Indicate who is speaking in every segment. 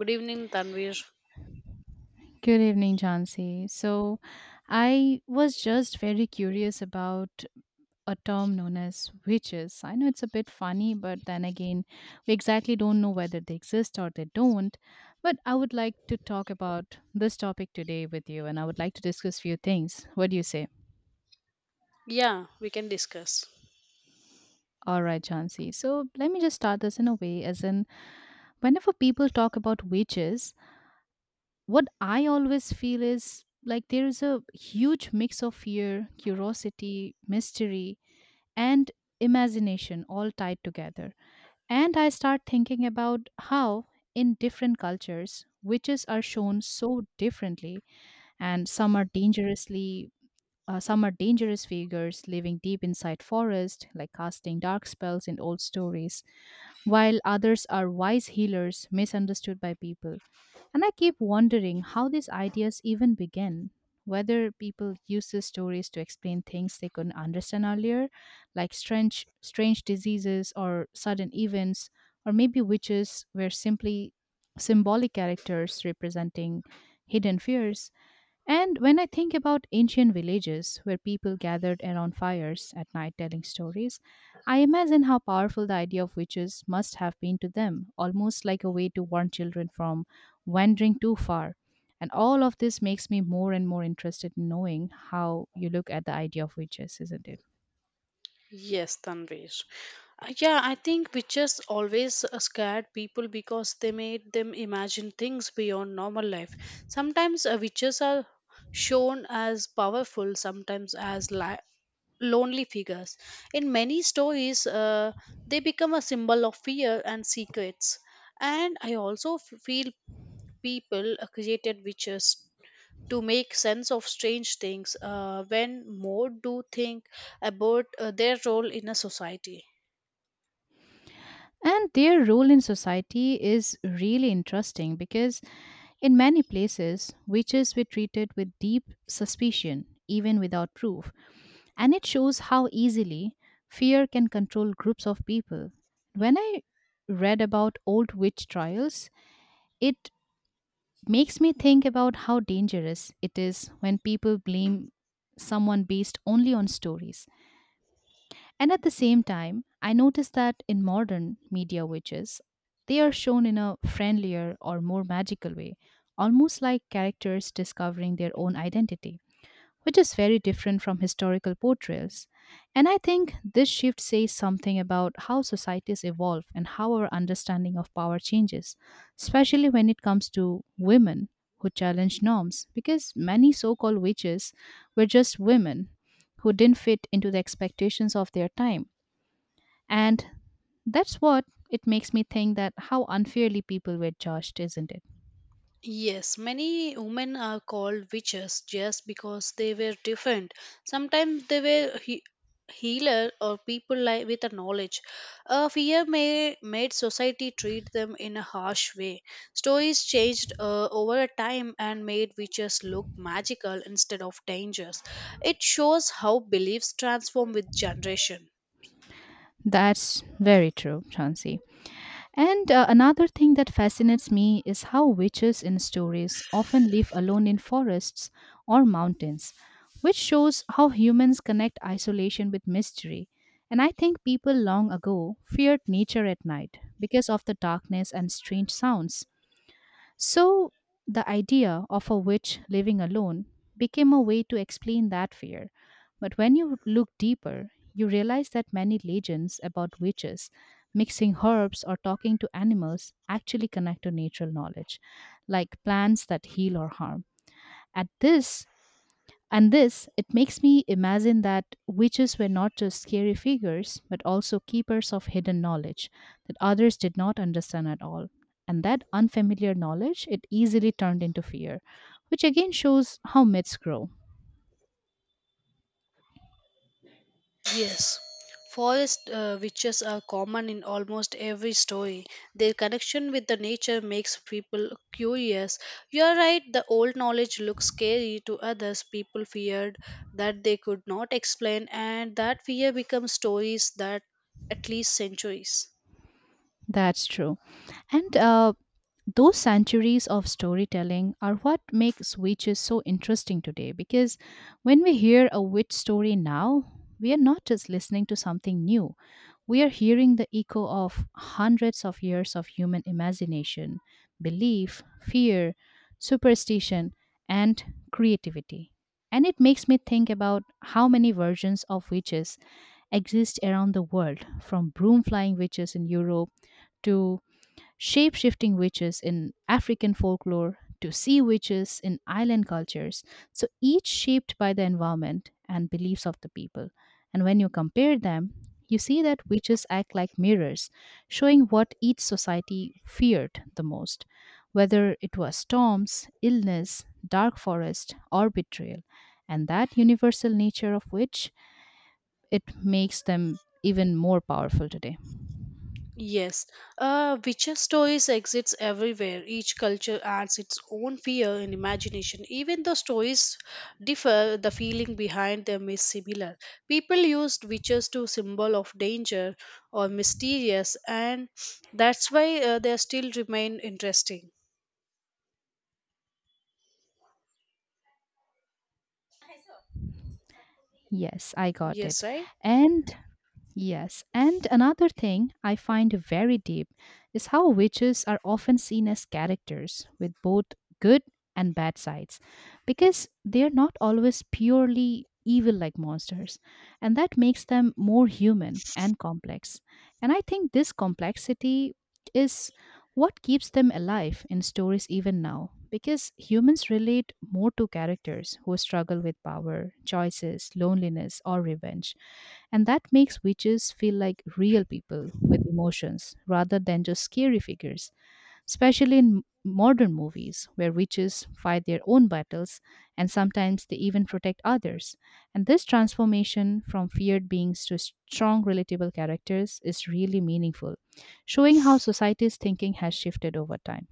Speaker 1: Good evening, Tanvir.
Speaker 2: Good evening, Jansi. So, I was just very curious about a term known as witches. I know it's a bit funny, but then again, we exactly don't know whether they exist or they don't. But I would like to talk about this topic today with you, and I would like to discuss few things. What do you say?
Speaker 1: Yeah, we can discuss.
Speaker 2: All right, Jansi. So, let me just start this in a way as in, whenever people talk about witches, what I always feel is like there is a huge mix of fear, curiosity, mystery, and imagination all tied together. And I start thinking about how, in different cultures, witches are shown so differently, and some are dangerously. Some are dangerous figures living deep inside forest, like casting dark spells in old stories, while others are wise healers misunderstood by people. And I keep wondering how these ideas even begin. Whether people use these stories to explain things they couldn't understand earlier, like strange diseases or sudden events, or maybe witches were simply symbolic characters representing hidden fears. And when I think about ancient villages where people gathered around fires at night telling stories, I imagine how powerful the idea of witches must have been to them, almost like a way to warn children from wandering too far. And all of this makes me more and more interested in knowing how you look at the idea of witches, isn't it?
Speaker 1: Yes, Tanvir. Yeah, I think witches always scared people because they made them imagine things beyond normal life. Sometimes witches are shown as powerful, sometimes as lonely figures. In many stories, they become a symbol of fear and secrets. And I also feel people created witches to make sense of strange things when more do think about their role in a society.
Speaker 2: And their role in society is really interesting because in many places, witches were treated with deep suspicion, even without proof. And it shows how easily fear can control groups of people. When I read about old witch trials, it makes me think about how dangerous it is when people blame someone based only on stories. And at the same time, I notice that in modern media witches, they are shown in a friendlier or more magical way, almost like characters discovering their own identity, which is very different from historical portrayals. And I think this shift says something about how societies evolve and how our understanding of power changes, especially when it comes to women who challenge norms, because many so called witches were just women who didn't fit into the expectations of their time. And that's what it makes me think, that how unfairly people were judged, isn't it?
Speaker 1: Yes, many women are called witches just because they were different. Sometimes they were healer or people like with a knowledge. A fear may made society treat them in a harsh way. Stories changed over a time and made witches look magical instead of dangerous. It shows how beliefs transform with generation.
Speaker 2: That's very true, Chansi. And another thing that fascinates me is how witches in stories often live alone in forests or mountains, which shows how humans connect isolation with mystery. And I think people long ago feared nature at night because of the darkness and strange sounds. So, the idea of a witch living alone became a way to explain that fear. But when you look deeper, you realize that many legends about witches mixing herbs or talking to animals actually connect to natural knowledge, like plants that heal or harm. At this, and this, it makes me imagine that witches were not just scary figures, but also keepers of hidden knowledge that others did not understand at all. And that unfamiliar knowledge, it easily turned into fear, which again shows how myths grow.
Speaker 1: Yes, forest witches are common in almost every story. Their connection with the nature makes people curious. You are right, the old knowledge looks scary to others. People feared that they could not explain, and that fear becomes stories that at least centuries.
Speaker 2: That's true. And those centuries of storytelling are what makes witches so interesting today because when we hear a witch story now, we are not just listening to something new, we are hearing the echo of hundreds of years of human imagination, belief, fear, superstition, and creativity. And it makes me think about how many versions of witches exist around the world, from broom flying witches in Europe to shape shifting witches in African folklore to sea witches in island cultures. So each shaped by the environment and beliefs of the people. And when you compare them, you see that witches act like mirrors, showing what each society feared the most, whether it was storms, illness, dark forest, or betrayal. And that universal nature of which it makes them even more powerful today.
Speaker 1: Yes, witcher stories exists everywhere. Each culture adds its own fear and imagination. Even though stories differ, the feeling behind them is similar. People used witches to symbol of danger or mysterious, and that's why they still remain interesting.
Speaker 2: Yes, I got it.
Speaker 1: Yes, right.
Speaker 2: And yes, and another thing I find very deep is how witches are often seen as characters with both good and bad sides because they are not always purely evil like monsters, and that makes them more human and complex. And I think this complexity is what keeps them alive in stories even now, because humans relate more to characters who struggle with power, choices, loneliness, or revenge. And that makes witches feel like real people with emotions rather than just scary figures, especially in modern movies where witches fight their own battles and sometimes they even protect others. And this transformation from feared beings to strong, relatable characters is really meaningful, showing how society's thinking has shifted over time.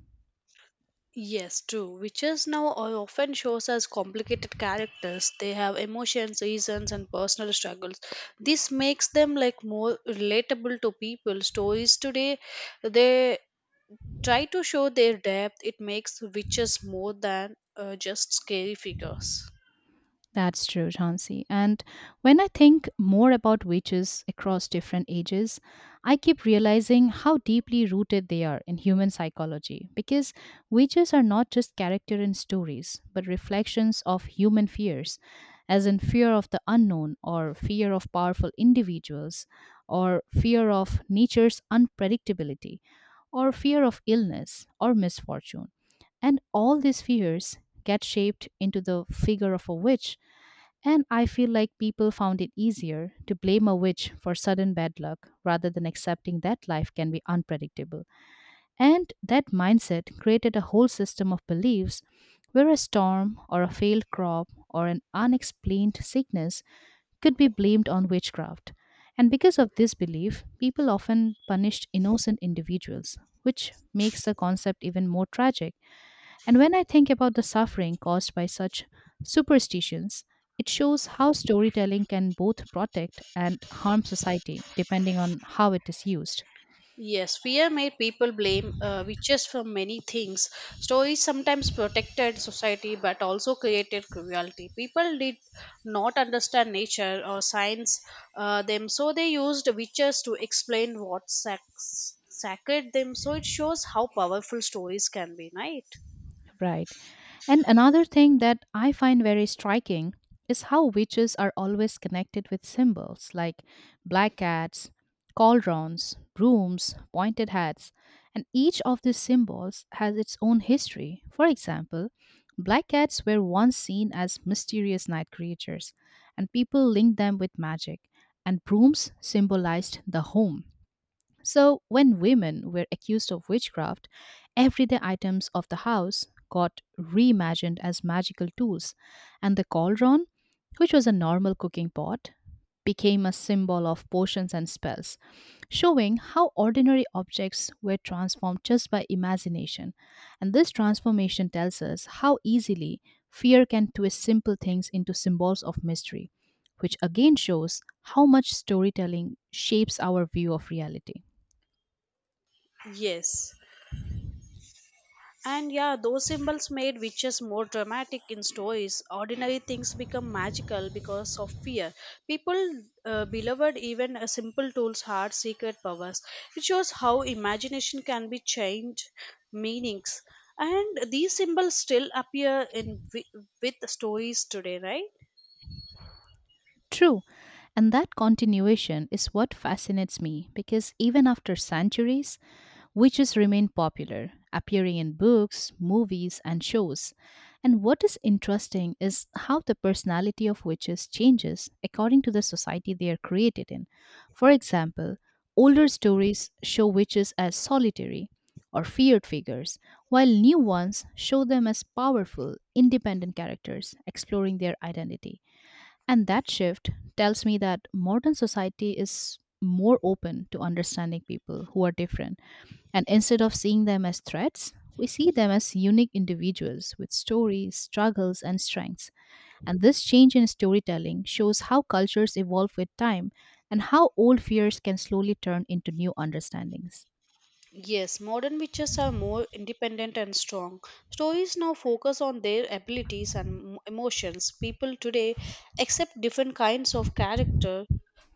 Speaker 1: Yes, true. Witches now are often shows as complicated characters. They have emotions, reasons, and personal struggles. This makes them like more relatable to people. Stories today, they try to show their depth. It makes witches more than just scary figures.
Speaker 2: That's true, Jhansi. And when I think more about witches across different ages, I keep realizing how deeply rooted they are in human psychology. Because witches are not just character in stories, but reflections of human fears, as in fear of the unknown, or fear of powerful individuals, or fear of nature's unpredictability, or fear of illness or misfortune. And all these fears get shaped into the figure of a witch, and I feel like people found it easier to blame a witch for sudden bad luck rather than accepting that life can be unpredictable. And that mindset created a whole system of beliefs where a storm or a failed crop or an unexplained sickness could be blamed on witchcraft. And because of this belief, people often punished innocent individuals, which makes the concept even more tragic, and when I think about the suffering caused by such superstitions, it shows how storytelling can both protect and harm society, depending on how it is used.
Speaker 1: Yes, fear made people blame witches for many things. Stories sometimes protected society but also created cruelty. People did not understand nature or science them, so they used witches to explain what sacred them. So it shows how powerful stories can be, right?
Speaker 2: Right. And another thing that I find very striking is how witches are always connected with symbols like black cats, cauldrons, brooms, pointed hats, and each of these symbols has its own history. For example, black cats were once seen as mysterious night creatures, and people linked them with magic, and brooms symbolized the home. So, when women were accused of witchcraft, everyday items of the house got reimagined as magical tools, and the cauldron, which was a normal cooking pot, became a symbol of potions and spells, showing how ordinary objects were transformed just by imagination. And this transformation tells us how easily fear can twist simple things into symbols of mystery, which again shows how much storytelling shapes our view of reality.
Speaker 1: Yes. And yeah, those symbols made witches more dramatic in stories. Ordinary things become magical because of fear. People beloved even a simple tools had secret powers. It shows how imagination can be changed meanings. And these symbols still appear in with stories today, right?
Speaker 2: True. And that continuation is what fascinates me because even after centuries, witches remain popular, appearing in books, movies, and shows. And what is interesting is how the personality of witches changes according to the society they are created in. For example, older stories show witches as solitary or feared figures, while new ones show them as powerful, independent characters exploring their identity. And that shift tells me that modern society is more open to understanding people who are different. And instead of seeing them as threats, we see them as unique individuals with stories, struggles, and strengths. And this change in storytelling shows how cultures evolve with time and how old fears can slowly turn into new understandings.
Speaker 1: Yes, modern witches are more independent and strong. Stories now focus on their abilities and emotions. People today accept different kinds of character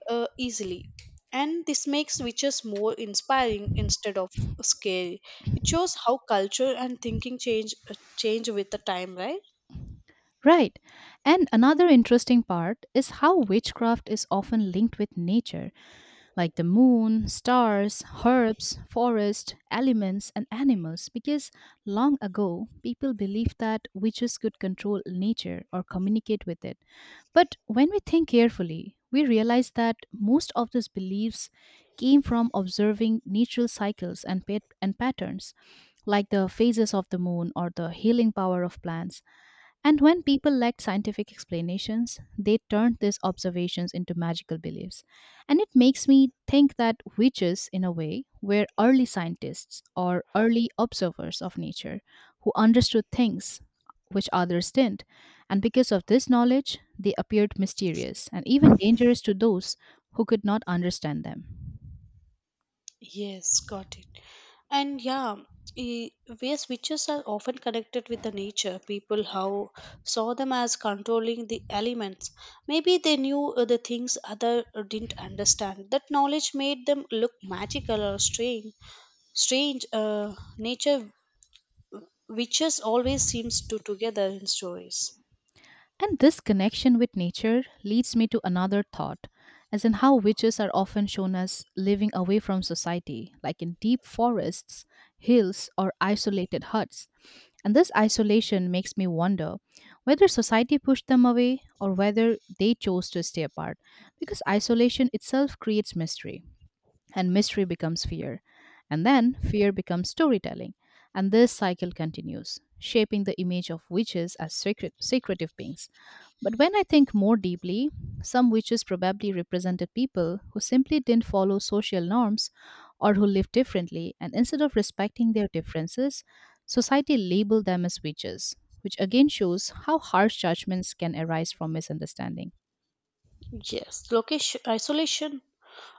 Speaker 1: easily, and this makes witches more inspiring instead of scary. It shows how culture and thinking change with the time, right?
Speaker 2: Right. And another interesting part is how witchcraft is often linked with nature, like the moon, stars, herbs, forest, elements, and animals, because long ago people believed that witches could control nature or communicate with it. But when we think carefully, we realize that most of these beliefs came from observing natural cycles and, and patterns, like the phases of the moon or the healing power of plants. And when people lacked scientific explanations, they turned these observations into magical beliefs. And it makes me think that witches, in a way, were early scientists or early observers of nature who understood things which others didn't. And because of this knowledge, they appeared mysterious and even dangerous to those who could not understand them.
Speaker 1: Yes, got it. And yeah, e- where witches are often connected with the nature, people how saw them as controlling the elements. Maybe they knew the things other didn't understand. That knowledge made them look magical or strange. Strange. Nature witches always seems to together in stories.
Speaker 2: And this connection with nature leads me to another thought, as in how witches are often shown as living away from society, like in deep forests, hills, or isolated huts. And this isolation makes me wonder whether society pushed them away or whether they chose to stay apart, because isolation itself creates mystery and mystery becomes fear. And then fear becomes storytelling. And this cycle continues, shaping the image of witches as secret, secretive beings. But when I think more deeply, some witches probably represented people who simply didn't follow social norms or who lived differently, and instead of respecting their differences, society labeled them as witches, which again shows how harsh judgments can arise from misunderstanding.
Speaker 1: Yes, location isolation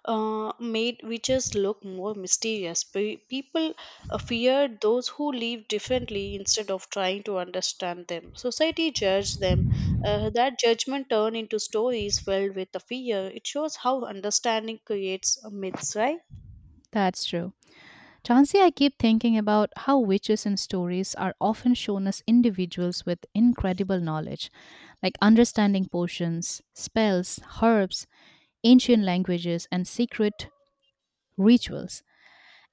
Speaker 1: made witches look more mysterious. People feared those who lived differently instead of trying to understand them. Society judged them. That judgment turned into stories filled with the fear. It shows how understanding creates a myths, right?
Speaker 2: That's true. Chansey, I keep thinking about how witches in stories are often shown as individuals with incredible knowledge, like understanding potions, spells, herbs, ancient languages, and secret rituals.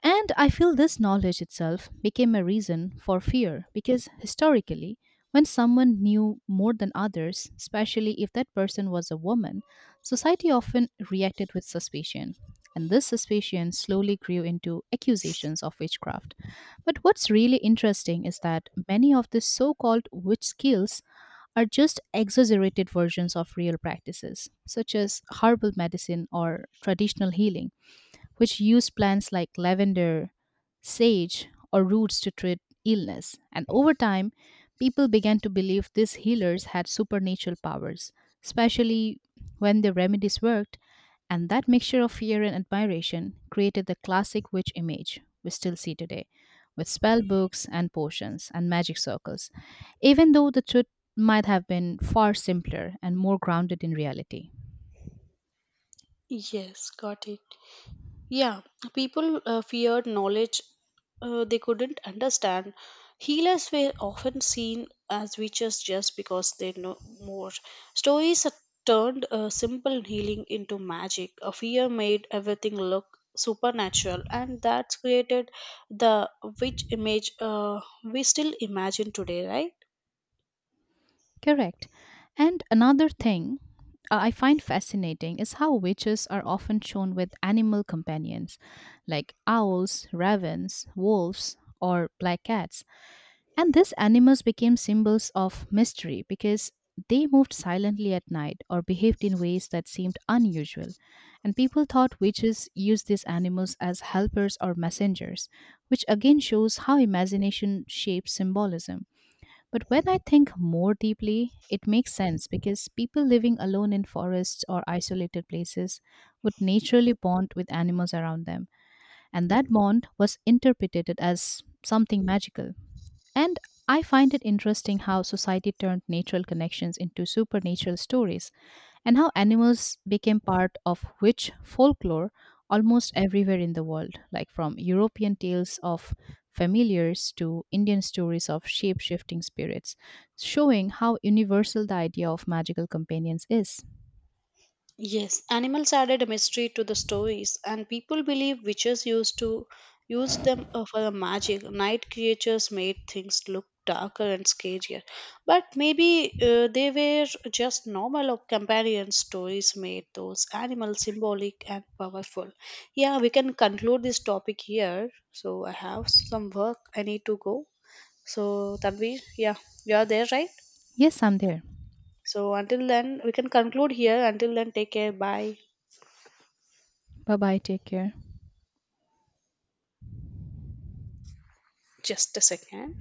Speaker 2: And I feel this knowledge itself became a reason for fear because historically, when someone knew more than others, especially if that person was a woman, society often reacted with suspicion. And this suspicion slowly grew into accusations of witchcraft. But what's really interesting is that many of the so called witch skills are just exaggerated versions of real practices, such as herbal medicine or traditional healing which use plants like lavender, sage, or roots to treat illness. And over time, people began to believe these healers had supernatural powers, especially when their remedies worked, and that mixture of fear and admiration created the classic witch image we still see today, with spell books and potions and magic circles, even though the truth might have been far simpler and more grounded in reality.
Speaker 1: Yes, got it. Yeah, people feared knowledge they couldn't understand. Healers were often seen as witches just because they know more. Stories have turned simple healing into magic. A fear made everything look supernatural, and that's created the witch image we still imagine today, right?
Speaker 2: Correct. And another thing I find fascinating is how witches are often shown with animal companions like owls, ravens, wolves, or black cats. And these animals became symbols of mystery because they moved silently at night or behaved in ways that seemed unusual. And people thought witches used these animals as helpers or messengers, which again shows how imagination shapes symbolism. But when I think more deeply, it makes sense because people living alone in forests or isolated places would naturally bond with animals around them, and that bond was interpreted as something magical. And I find it interesting how society turned natural connections into supernatural stories and how animals became part of witch folklore almost everywhere in the world, like from European tales of familiars to Indian stories of shape shifting spirits, showing how universal the idea of magical companions is.
Speaker 1: Yes, animals added a mystery to the stories, and people believe witches used to use them for the magic. Night creatures made things look darker and scarier, but maybe they were just normal or companion stories made those animals symbolic and powerful. Yeah, we can conclude this topic here. So I have some work I need to go. So Tanvi, yeah, you are there, right?
Speaker 2: Yes, I'm there.
Speaker 1: So until then, we can conclude here. Until then, take care. Bye.
Speaker 2: Bye bye. Take care.
Speaker 1: Just a second.